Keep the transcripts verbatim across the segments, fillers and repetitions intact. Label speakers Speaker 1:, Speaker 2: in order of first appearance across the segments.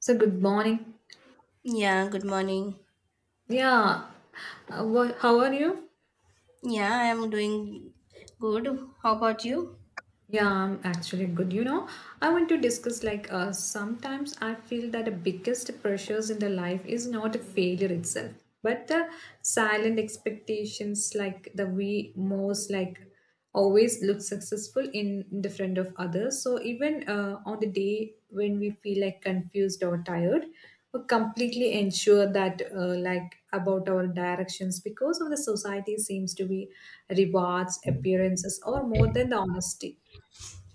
Speaker 1: So, good morning.
Speaker 2: Yeah, good morning.
Speaker 1: Yeah. Uh, wha- how are you?
Speaker 2: Yeah, I am doing good. How about you?
Speaker 1: Yeah, I'm actually good. You know, I want to discuss like uh, sometimes I feel that the biggest pressures in the life is not a failure itself, but the silent expectations like the we most like always look successful in, in the front of others. So even uh, on the day when we feel like confused or tired, we completely ensure that uh, like about our directions because of the society seems to be rewards appearances or more than the honesty.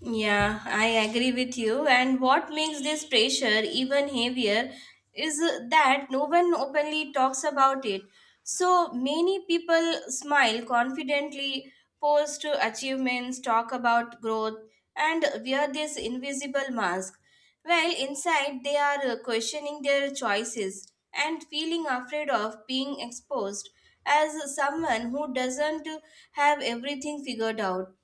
Speaker 2: Yeah, I agree with you. And what makes this pressure even heavier is that no one openly talks about it. So many people smile confidently, post achievements, talk about growth, and wear this invisible mask. Well, inside they are questioning their choices and feeling afraid of being exposed as someone who doesn't have everything figured out.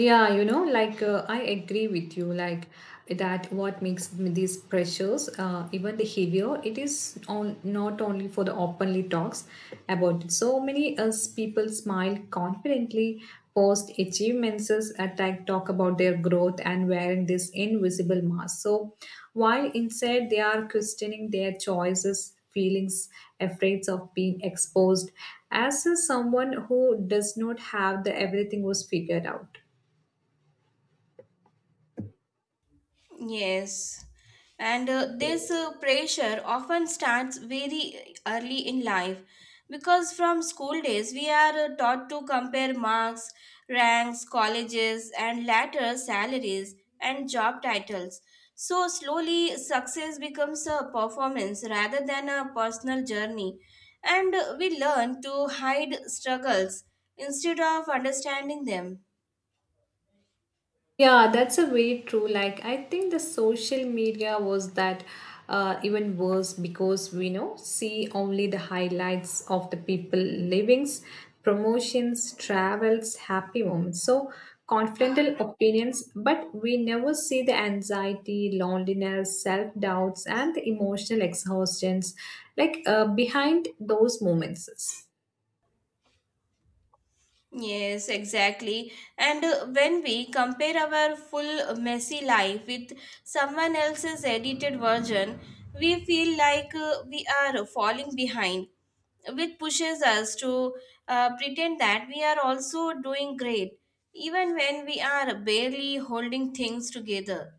Speaker 1: Yeah, you know, like uh, I agree with you, like that what makes m- these pressures uh, even the heavier, it is on not only for the openly talks about it. So many us people smile confidently, post achievements, attack, talk about their growth and wearing this invisible mask. So while inside they are questioning their choices, feelings, afraid of being exposed, as is someone who does not have the everything was figured out.
Speaker 2: Yes, and uh, this uh, pressure often starts very early in life because from school days we are uh, taught to compare marks, ranks, colleges, and later salaries and job titles. So, slowly, success becomes a performance rather than a personal journey, and uh, we learn to hide struggles instead of understanding them.
Speaker 1: Yeah, that's a very true. Like, I think the social media was that uh, even worse because we know see only the highlights of the people livings, promotions, travels, happy moments. So confidential opinions, but we never see the anxiety, loneliness, self doubts, and the emotional exhaustions like uh, behind those moments.
Speaker 2: Yes, exactly. And uh, when we compare our full uh, messy life with someone else's edited version, we feel like uh, we are falling behind, which pushes us to uh, pretend that we are also doing great, even when we are barely holding things together.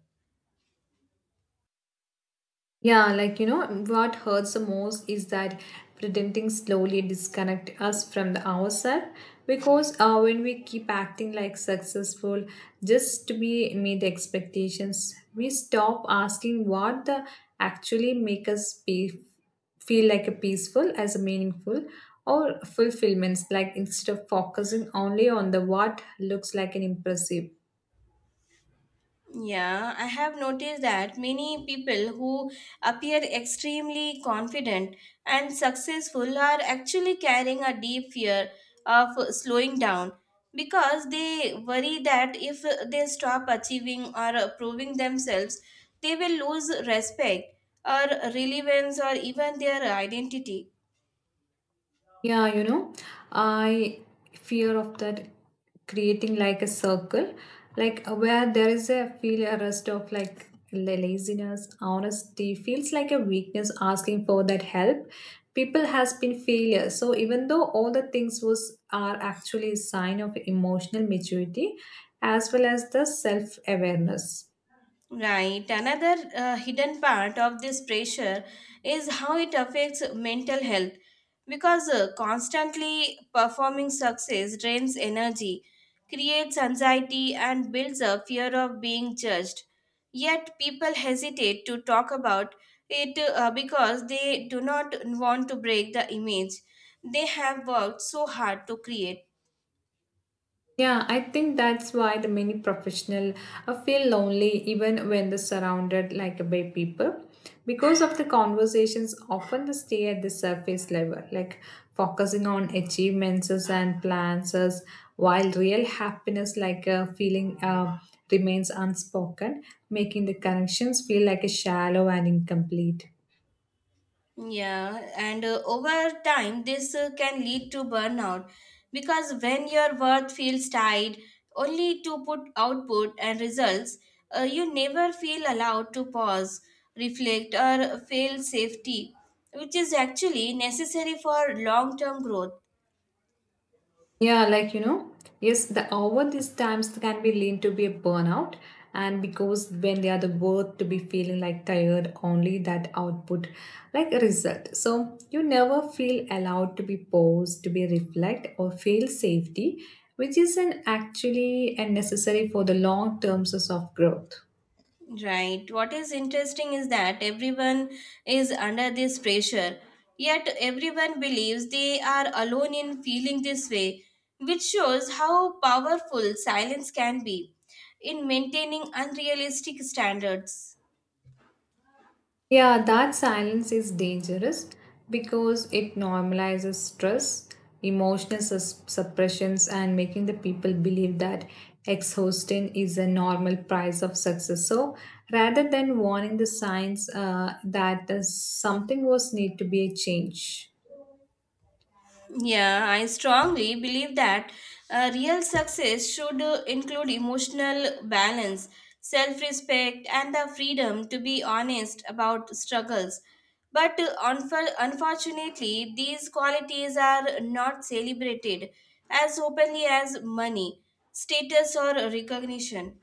Speaker 1: Yeah, like you know, what hurts the most is that pretending slowly disconnect us from the ourselves because uh, when we keep acting like successful just to be meet expectations, we stop asking what the actually make us be, feel like a peaceful as a meaningful or fulfillments like instead of focusing only on the what looks like an impressive.
Speaker 2: Yeah, I have noticed that many people who appear extremely confident and successful are actually carrying a deep fear of slowing down because they worry that if they stop achieving or proving themselves, they will lose respect or relevance or even their identity.
Speaker 1: Yeah, you know, I fear of that creating like a circle, like uh, where there is a feel a rest of like la- laziness, honesty feels like a weakness asking for that help. People has been failure. So even though all the things was are actually a sign of emotional maturity as well as the self-awareness.
Speaker 2: Right. Another uh, hidden part of this pressure is how it affects mental health because uh, constantly performing success drains energy, creates anxiety, and builds a fear of being judged. Yet people hesitate to talk about it uh, because they do not want to break the image they have worked so hard to create.
Speaker 1: Yeah, I think that's why the many professional uh, feel lonely even when they're surrounded like uh, by people. Because of the conversations often they stay at the surface level, like focusing on achievements and plans, as while real happiness like a feeling uh, remains unspoken, making the connections feel like a shallow and incomplete.
Speaker 2: Yeah, and uh, over time, this uh, can lead to burnout because when your worth feels tied only to put output and results, uh, you never feel allowed to pause, reflect, or feel safety, which is actually necessary for long term growth.
Speaker 1: Yeah, like you know, yes, the over these times can be lean to be a burnout, and because when they are the worth to be feeling like tired, only that output like a result. So you never feel allowed to be paused, to be reflect or feel safety, which isn't actually and necessary for the long terms of growth.
Speaker 2: Right. What is interesting is that everyone is under this pressure, yet everyone believes they are alone in feeling this way, which shows how powerful silence can be in maintaining unrealistic standards.
Speaker 1: Yeah, that silence is dangerous because it normalizes stress, emotional sus- suppressions, and making the people believe that exhaustion is a normal price of success. So, rather than warning the signs uh, that uh, something was need to be a change.
Speaker 2: Yeah, I strongly believe that uh, real success should uh, include emotional balance, self respect, and the freedom to be honest about struggles. But uh, unfor- unfortunately, these qualities are not celebrated as openly as money, status, or recognition.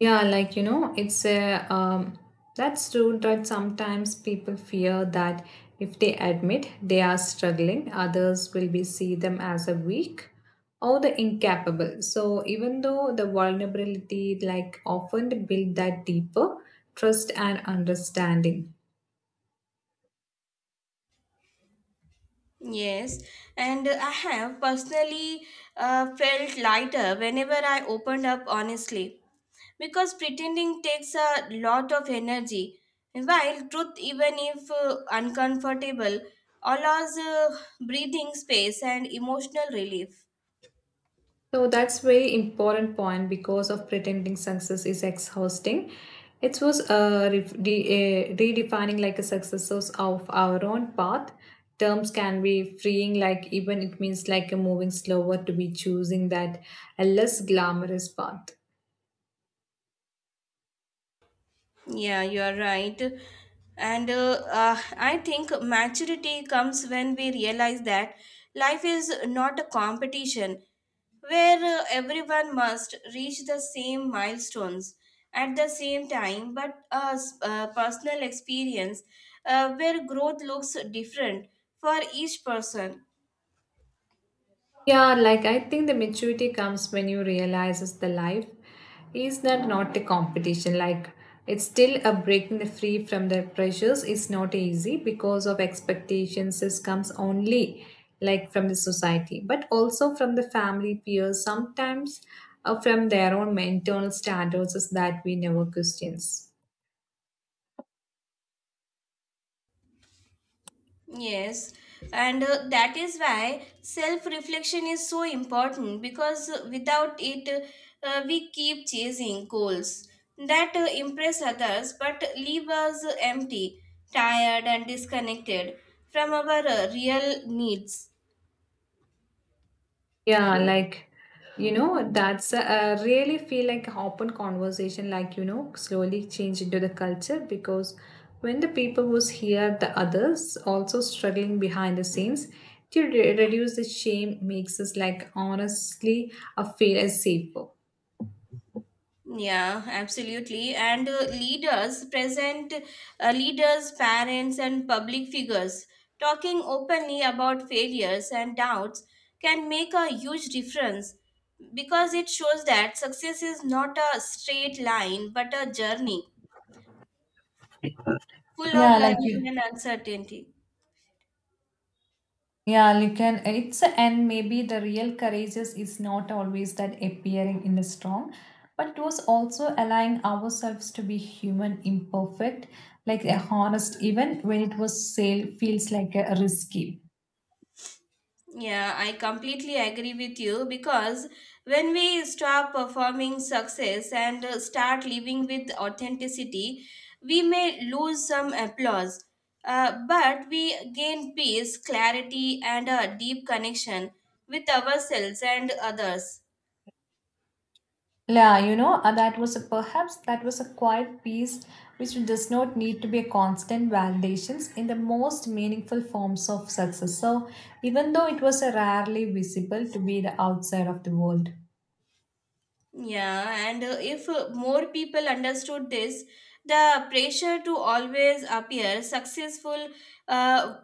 Speaker 1: Yeah, like you know, it's a um, that's true that sometimes people fear that if they admit they are struggling, others will be see them as a weak or the incapable. So even though the vulnerability like often build that deeper trust and understanding.
Speaker 2: Yes, and I have personally uh, felt lighter whenever I opened up honestly because pretending takes a lot of energy. While truth, even if uh, uncomfortable, allows uh, breathing space and emotional relief.
Speaker 1: So that's very important point because of pretending success is exhausting. It was uh, re- de- uh, redefining like a successes of our own path. Terms can be freeing, like even it means like a moving slower to be choosing that a less glamorous path.
Speaker 2: Yeah, you are right. And uh, uh, I think maturity comes when we realize that life is not a competition where uh, everyone must reach the same milestones at the same time, but a s- a personal experience uh, where growth looks different for each person.
Speaker 1: Yeah, like I think the maturity comes when you realizes the life is that not a competition. Like it's still a breaking the free from the pressures is not easy because of expectations. This comes only like from the society, but also from the family, peers, sometimes uh, from their own mental standards is that we never questions.
Speaker 2: Yes, and uh, that is why self reflection is so important because uh, without it, uh, we keep chasing goals that uh, impress others but leave us empty, tired, and disconnected from our uh, real needs.
Speaker 1: Yeah, like you know, that's uh, really feel like open conversation, like you know, slowly change into the culture because when the people was here, the others also struggling behind the scenes to re- reduce the shame makes us like honestly uh, feel as safer.
Speaker 2: Yeah, absolutely. And uh, leaders present, uh, leaders, parents, and public figures talking openly about failures and doubts can make a huge difference because it shows that success is not a straight line but a journey full of
Speaker 1: Yeah, like
Speaker 2: learning
Speaker 1: you
Speaker 2: and uncertainty.
Speaker 1: Yeah, you can. It's and maybe the real courageous is not always that appearing in a strong, but it was also allowing ourselves to be human, imperfect, like a honest, even when it was sale feels like a risky.
Speaker 2: Yeah, I completely agree with you because when we stop performing success and uh, start living with authenticity, we may lose some applause, uh, but we gain peace, clarity, and a deep connection with ourselves and others.
Speaker 1: Yeah, you know, uh, that was a, perhaps that was a quiet piece which does not need to be a constant validations in the most meaningful forms of success. So even though it was a rarely visible to be the outside of the world.
Speaker 2: Yeah, and uh, if uh, more people understood this, the pressure to always appear successful uh,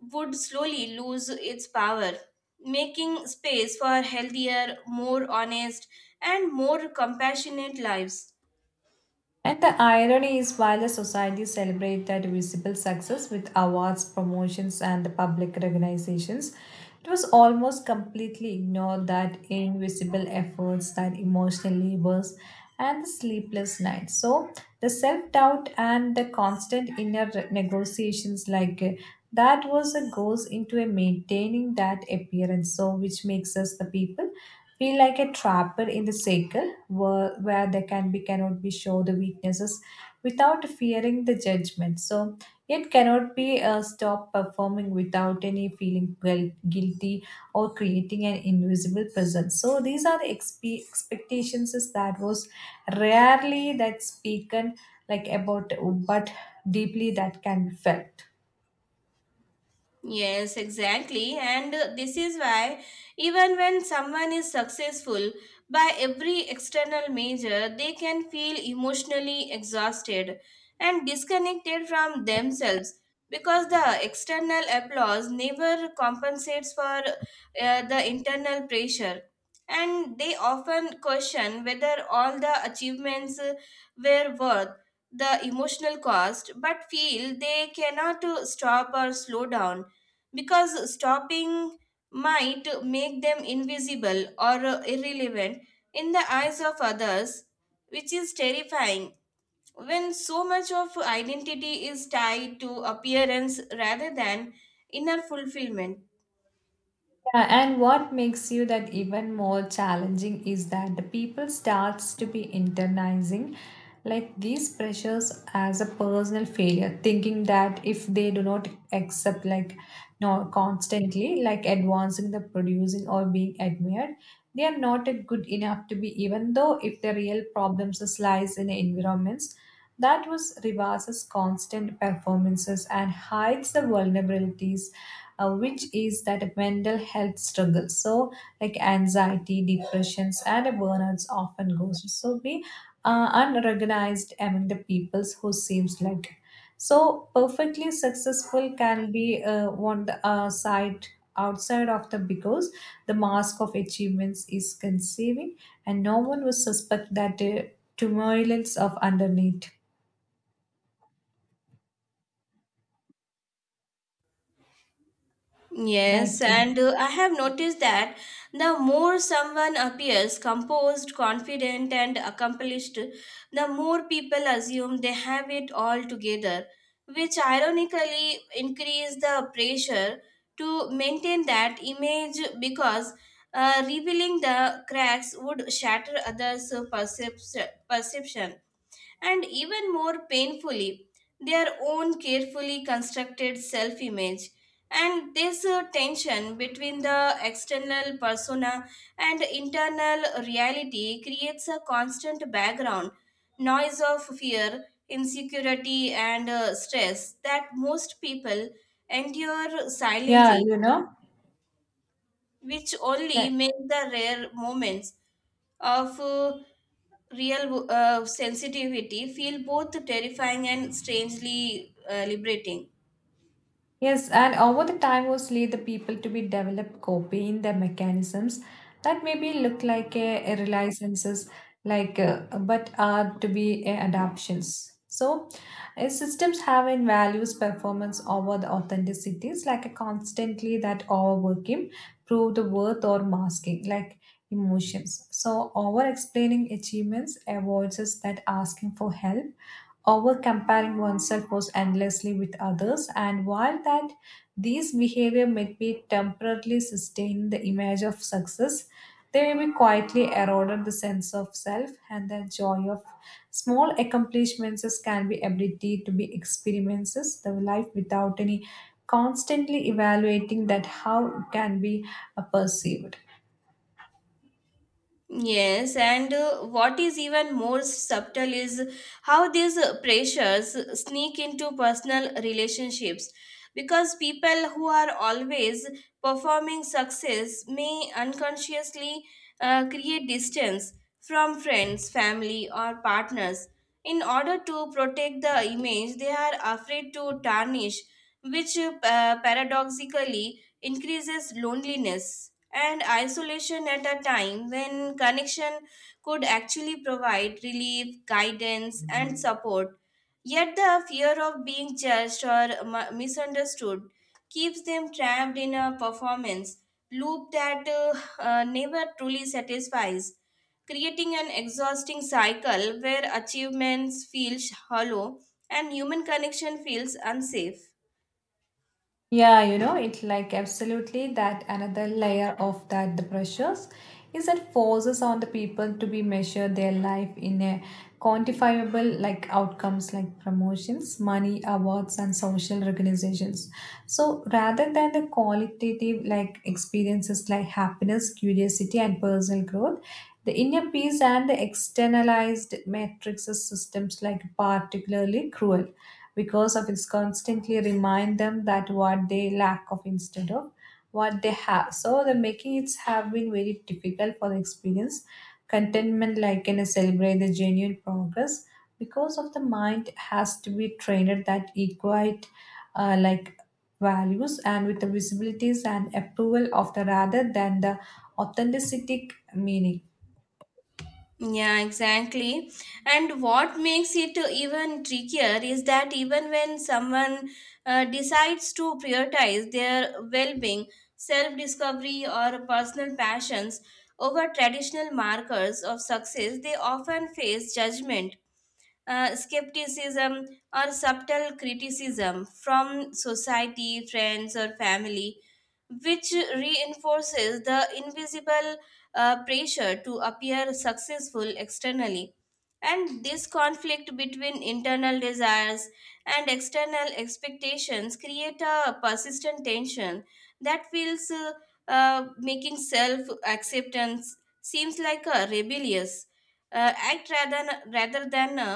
Speaker 2: would slowly lose its power, making space for healthier, more honest, and more compassionate lives.
Speaker 1: And the irony is, while the society celebrates that visible success with awards, promotions, and the public recognitions, it was almost completely ignored that invisible efforts, that emotional labors, and the sleepless nights. So, the self doubt and the constant inner negotiations, like uh, that, was a goes into a maintaining that appearance. So, which makes us the people feel like a trapper in the cycle where, where they can be cannot be show the weaknesses without fearing the judgment, so yet cannot be uh, stop performing without any feeling guil- guilty or creating an invisible presence, so these are the expe- expectations is that was rarely that spoken like about but deeply that can be felt.
Speaker 2: Yes, exactly. And uh, this is why, even when someone is successful by every external measure, they can feel emotionally exhausted and disconnected from themselves because the external applause never compensates for uh, the internal pressure. And they often question whether all the achievements uh, were worth the emotional cost, but feel they cannot uh, stop or slow down because stopping might make them invisible or uh, irrelevant in the eyes of others, which is terrifying. When so much of identity is tied to appearance rather than inner fulfillment.
Speaker 1: Yeah, and what makes you that even more challenging is that the people starts to be internalizing like these pressures as a personal failure, thinking that if they do not accept like no constantly like advancing the producing or being admired, they are not good enough to be even though if the real problems is lies in environments that was reverses constant performances and hides the vulnerabilities, uh, which is that mental health struggle, so like anxiety depressions and burnouts often goes so be uh, unrecognized among the peoples who seems like so perfectly successful can be uh, on the uh, side outside of the, because the mask of achievements is conceiving and no one will suspect that the turbulence of underneath like
Speaker 2: Yes, and uh, I have noticed that the more someone appears composed, confident, and accomplished, the more people assume they have it all together, which ironically increase the pressure to maintain that image because uh, revealing the cracks would shatter others' percep- perception and even more painfully, their own carefully constructed self image. And this uh, tension between the external persona and internal reality creates a constant background noise of fear, insecurity, and uh, stress that most people endure
Speaker 1: yeah
Speaker 2: silently,
Speaker 1: you know
Speaker 2: which only
Speaker 1: like.
Speaker 2: make the rare moments of uh, real uh, sensitivity feel both terrifying and strangely uh, liberating.
Speaker 1: Yes, and over the time, mostly the people to be developed copying the mechanisms that maybe look like a, a relicenses, like uh, but are to be uh, adaptions. So, uh, systems have in values performance over the authenticities, like a constantly that overworking prove the worth or masking, like emotions. So, over explaining achievements avoids us that asking for help over-comparing oneself was endlessly with others, and while that these behavior may be temporarily sustain the image of success, they may be quietly eroded the sense of self and the joy of small accomplishments can be ability to be experiences the life without any constantly evaluating that how it can be uh, perceived.
Speaker 2: Yes, and uh, what is even more subtle is how these uh, pressures sneak into personal relationships because people who are always performing success may unconsciously uh, create distance from friends, family, or partners in order to protect the image they are afraid to tarnish, which uh, paradoxically increases loneliness and isolation at a time when connection could actually provide relief, guidance, and support. Yet the fear of being judged or mu- misunderstood keeps them trapped in a performance loop that uh, uh, never truly satisfies, creating an exhausting cycle where achievements feel hollow and human connection feels unsafe.
Speaker 1: Yeah, you know, it's like absolutely that another layer of that the pressures is that forces on the people to be measure their life in a quantifiable like outcomes like promotions, money, awards, and social recognitions. So rather than the qualitative like experiences like happiness, curiosity, and personal growth, the inner peace and the externalized matrices systems like particularly cruel because of it's constantly remind them that what they lack of instead of what they have, so the making it's have been very difficult for the experience contentment like in a celebrate the genuine progress because of the mind has to be trained that equate uh, like values and with the visibilities and approval of the rather than the authenticity meaning.
Speaker 2: Yeah, exactly. And what makes it even trickier is that even when someone uh, decides to prioritize their well being, self discovery, or personal passions over traditional markers of success, they often face judgment uh, skepticism or subtle criticism from society, friends, or family, which reinforces the invisible uh, pressure to appear successful externally. And this conflict between internal desires and external expectations create a persistent tension that feels uh, uh, making self acceptance seems like a rebellious uh, act rather rather than a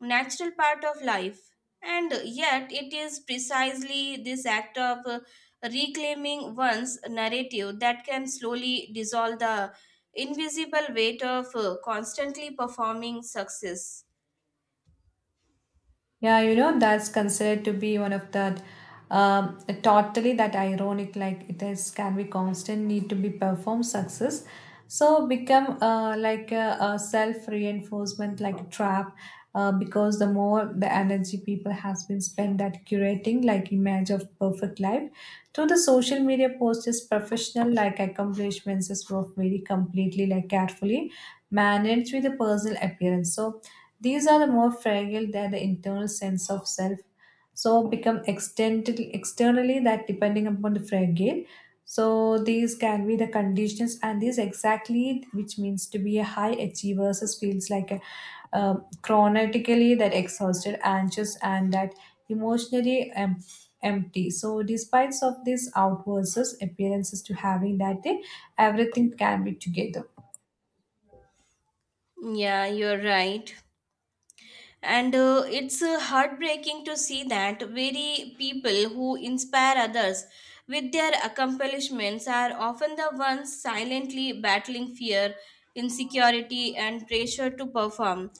Speaker 2: natural part of life, and yet it is precisely this act of uh, reclaiming one's narrative that can slowly dissolve the invisible weight of uh, constantly performing success.
Speaker 1: Yeah, you know, that's considered to be one of that um, totally that ironic, like it is can be constant need to be performed success. So become uh, like a, a self reinforcement, like trap, uh, because the more the energy people has been spent at curating like image of perfect life through the social media posts is professional like accomplishments is were very completely like carefully managed with the personal appearance. So these are the more fragile than the internal sense of self, so become externally, externally that depending upon the fragile. So these can be the conditions, and these exactly which means to be a high achiever versus feels like a um, chronically that exhausted, anxious, and that emotionally em- empty. So despite of these outwards appearances to having that day, everything can be together.
Speaker 2: Yeah, you're right. And uh, it's uh, heartbreaking to see that very people who inspire others with their accomplishments are often the ones silently battling fear, insecurity, and pressure to perform.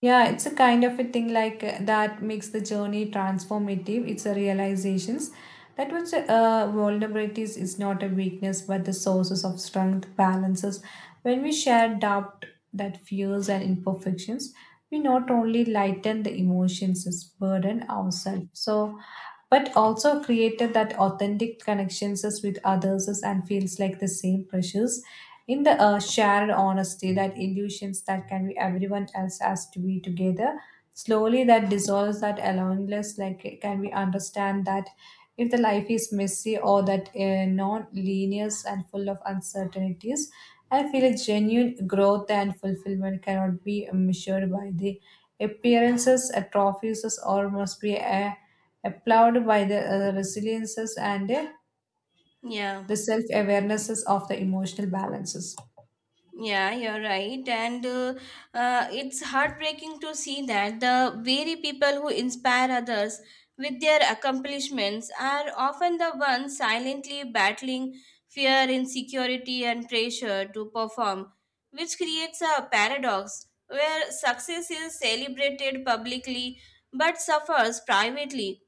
Speaker 1: Yeah, it's a kind of a thing like uh, that makes the journey transformative. It's a realizations that which uh, vulnerabilities is not a weakness but the sources of strength balances. When we share doubt, that fears and imperfections, we not only lighten the emotions as burden ourselves. So, but also created that authentic connections as with others as and feels like the same pressures in the uh, shared honesty that illusions that can be everyone else has to be together slowly that dissolves that aloneness like it can we understand that if the life is messy or that uh, non-linear and full of uncertainties, I feel a genuine growth and fulfillment cannot be measured by the appearances, uh, trophies, or must be uh, applauded by the uh, resiliences, and uh,
Speaker 2: Yeah.
Speaker 1: the self-awarenesses of the emotional balances,
Speaker 2: Yeah, you're right. And uh, uh, it's heartbreaking to see that the very people who inspire others with their accomplishments are often the ones silently battling fear, insecurity, and pressure to perform, which creates a paradox where success is celebrated publicly but suffers privately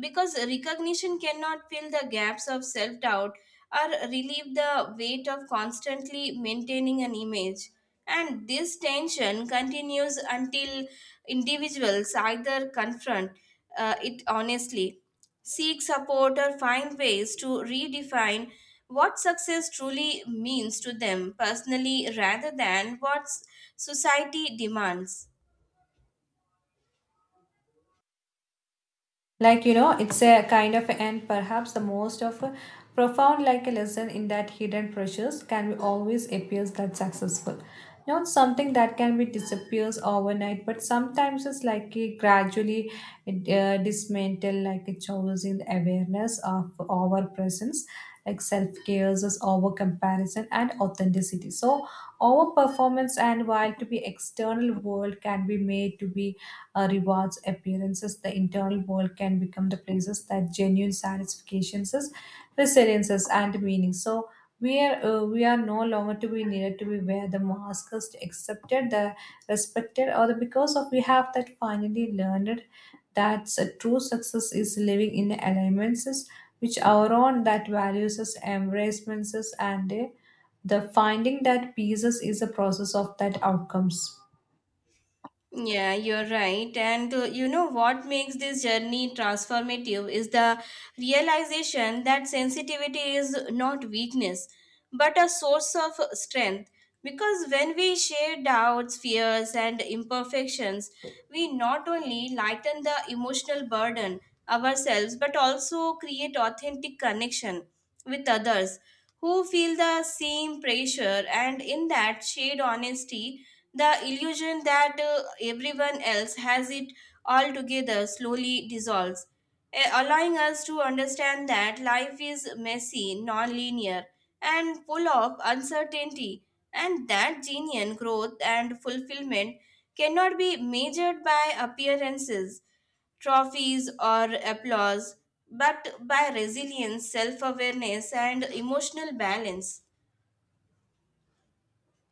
Speaker 2: because recognition cannot fill the gaps of self doubt or relieve the weight of constantly maintaining an image. And this tension continues until individuals either confront uh, it honestly, seek support, or find ways to redefine what success truly means to them personally rather than what s- society demands.
Speaker 1: like you know it's a kind of and perhaps the most of a profound like a lesson in that hidden pressures can be always appears that successful, not something that can be disappears overnight but sometimes it's like a gradually uh, dismantle like a chose in the awareness of our presence, like self cares is over comparison and authenticity, so our performance and while to be external world can be made to be uh, rewards, appearances, the internal world can become the places that genuine satisfactions, is, resiliences, and meaning. So we are uh, we are no longer to be needed to be where the mask is accepted, the respected, or the because of we have that finally learned that a true success is living in the alliances which our own that values us, embraces us, and uh, the finding that pieces is a process of that outcomes.
Speaker 2: Yeah, you're right. And uh, you know what makes this journey transformative is the realization that sensitivity is not weakness, but a source of strength. Because when we share doubts, fears, and imperfections, we not only lighten the emotional burden ourselves, but also create authentic connection with others who feel the same pressure. And in that shared honesty, the illusion that uh, everyone else has it all together slowly dissolves, eh, allowing us to understand that life is messy, non-linear, and full of uncertainty, and that genuine growth and fulfillment cannot be measured by appearances, trophies, or applause, but by resilience, self awareness, and emotional balance.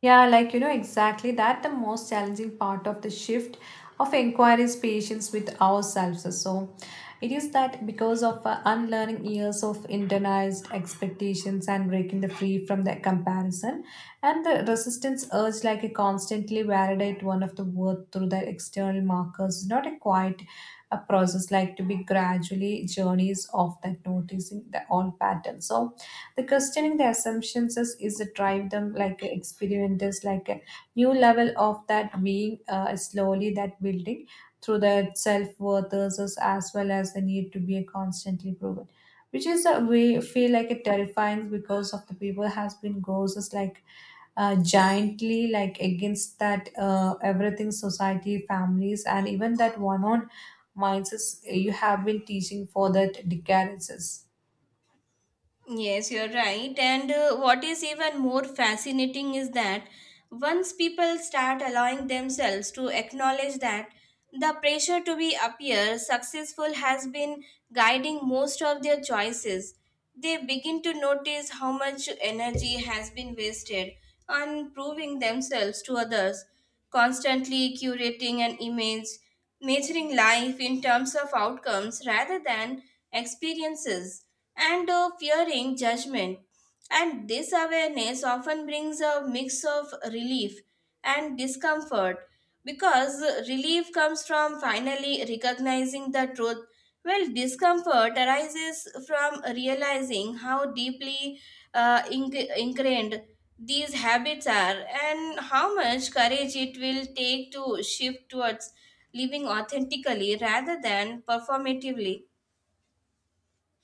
Speaker 1: Yeah, like you know, exactly that the most challenging part of the shift of inquiry is patience with ourselves. So it is that because of uh, unlearning years of internalized expectations and breaking the free from the comparison and the resistance urge like a constantly validate one of the worth through the external markers is not a quite a process like to be gradually journeys of that noticing the all patterns. So the questioning the assumptions is, is to drive them like a experimenters like a new level of that being uh, slowly that building through the self-worth as as well as the need to be constantly proven, which is a way feel like a terrifying because of the people has been goes as like uh, giantly like against that uh, everything society families and even that one on minds is- you have been teaching for that decades.
Speaker 2: Yes, you're right. And uh, what is even more fascinating is that once people start allowing themselves to acknowledge that the pressure to be appear successful has been guiding most of their choices. They begin to notice how much energy has been wasted on proving themselves to others, constantly curating an image, measuring life in terms of outcomes rather than experiences, and uh, fearing judgment. And this awareness often brings a mix of relief and discomfort because relief comes from finally recognizing the truth, well discomfort arises from realizing how deeply uh, inc- ingrained these habits are and how much courage it will take to shift towards living authentically rather than performatively.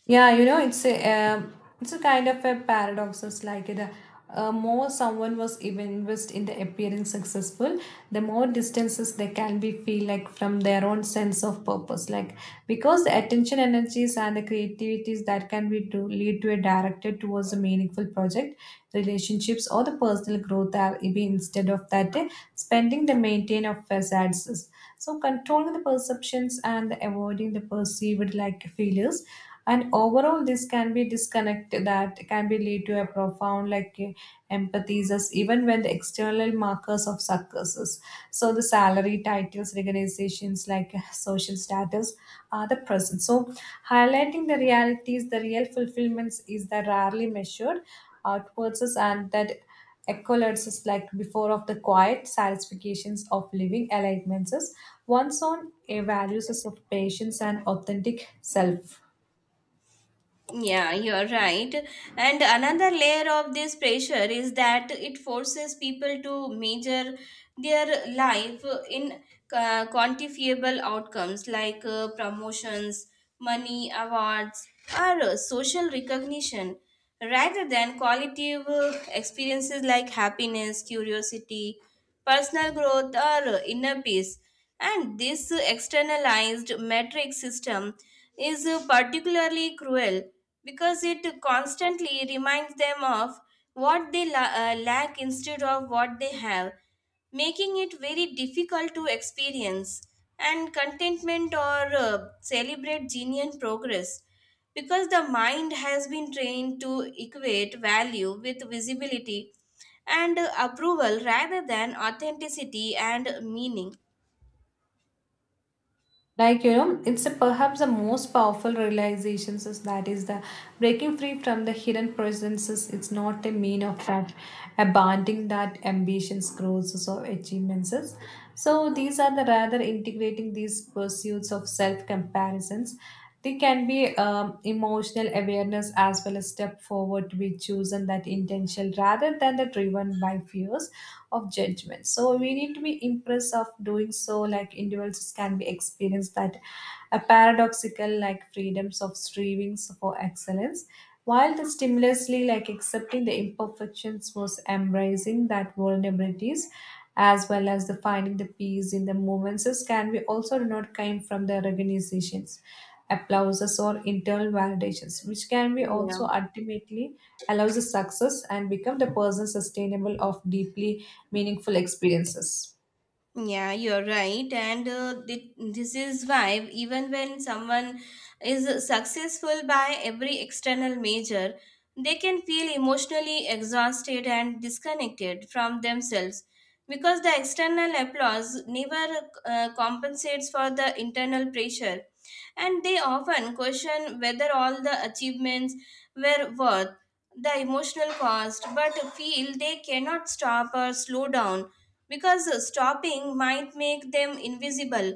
Speaker 1: Yeah, you know, it's a um, it's a kind of a paradox. It's like the uh, uh, more someone was even invest in the appearing successful, the more distances they can be feel like from their own sense of purpose. Like because the attention energies and the creativities that can be to lead to a directed towards a meaningful project, relationships or the personal growth are be instead of that uh, spending the maintain of facades. So controlling the perceptions and avoiding the perceived like failures, and overall this can be disconnect that can be lead to a profound like eh, empathy is us- even when the external markers of successes, so the salary titles recognitions like eh, social status are the present, so highlighting the realities the real fulfillments is the rarely measured outwards us and that accolades is like before of the quiet satisfactions of living alignments is one's own eh, values is of patience and authentic self,
Speaker 2: Yeah, you're right. And another layer of this pressure is that it forces people to measure their life in uh, quantifiable outcomes like uh, promotions, money, awards, or uh, social recognition rather than qualitative uh, experiences like happiness, curiosity, personal growth, or uh, inner peace. And this externalized metric system is particularly cruel because it constantly reminds them of what they la- uh, lack instead of what they have, making it very difficult to experience and contentment or uh, celebrate genuine progress because the mind has been trained to equate value with visibility and uh, approval rather than authenticity and meaning.
Speaker 1: like you know it's a, perhaps the most powerful realizations is that is the breaking free from the hidden presences, it's not a mean of that abandoning that ambitions growths or achievements is. So these are the rather integrating these pursuits of self comparisons there can be um, emotional awareness as well as step forward to be chosen that intentional rather than the driven by fears of judgment. So we need to be impressed of doing so, like individuals can be experienced that a paradoxical like freedoms of strivings for excellence while the stimulously like accepting the imperfections was embracing that vulnerabilities as well as the finding the peace in the moments can be also not came from the organizations, applauses, or internal validations, which can be
Speaker 2: Yeah,
Speaker 1: also ultimately allows the success and become the person sustainable of deeply meaningful experiences.
Speaker 2: yeah, you're right, and uh, thi- this is why even when someone is successful by every external measure, they can feel emotionally exhausted and disconnected from themselves because the external applause never uh, compensates for the internal pressure, and they often question whether all the achievements were worth the emotional cost, but feel they cannot stop or slow down because stopping might make them invisible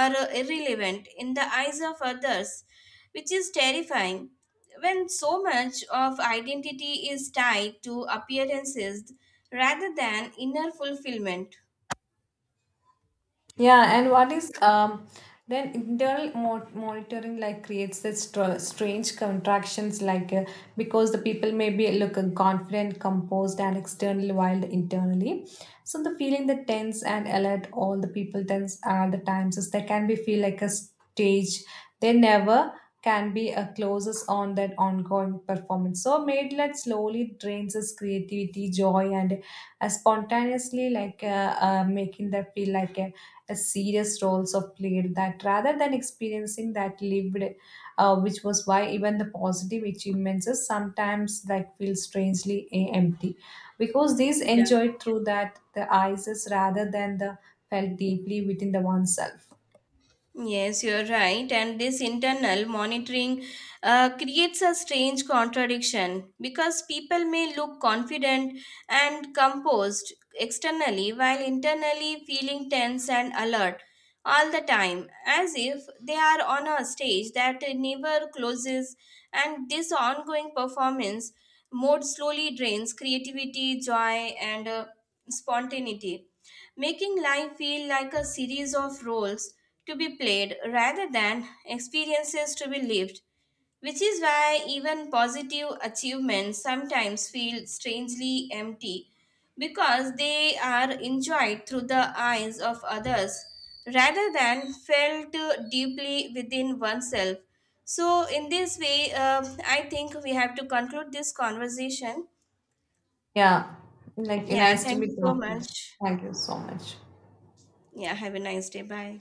Speaker 2: or irrelevant in the eyes of others, which is terrifying when so much of identity is tied to appearances rather than inner fulfillment.
Speaker 1: Yeah, and what is um then internal mo- monitoring like creates this str- strange contractions like uh, because the people may be look uh, confident, composed, and external wild internally. So the feeling that tense and alert all the people tense all the times is they can be feel like a stage. They never can be a closes on that ongoing performance. So made let slowly drains his creativity, joy, and uh, spontaneously like uh, uh, making them feel like a a serious roles of played that rather than experiencing that lived uh, which was why even the positive achievements is sometimes like feel strangely eh, empty because these
Speaker 2: Yeah.
Speaker 1: enjoyed through that the eyes is rather than the felt deeply within the oneself.
Speaker 2: Yes, you're right. And this internal monitoring uh, creates a strange contradiction because people may look confident and composed externally while internally feeling tense and alert all the time, as if they are on a stage that never closes. And this ongoing performance mode slowly drains creativity, joy, and uh, spontaneity, making life feel like a series of roles to be played rather than experiences to be lived, which is why even positive achievements sometimes feel strangely empty because they are enjoyed through the eyes of others rather than felt deeply within oneself. So, in this way, uh, I think we have to conclude this conversation.
Speaker 1: Yeah, like
Speaker 2: Yeah,
Speaker 1: nice to
Speaker 2: thank
Speaker 1: meet
Speaker 2: you so
Speaker 1: you.
Speaker 2: much.
Speaker 1: Thank you so much.
Speaker 2: Yeah, have a nice day. Bye.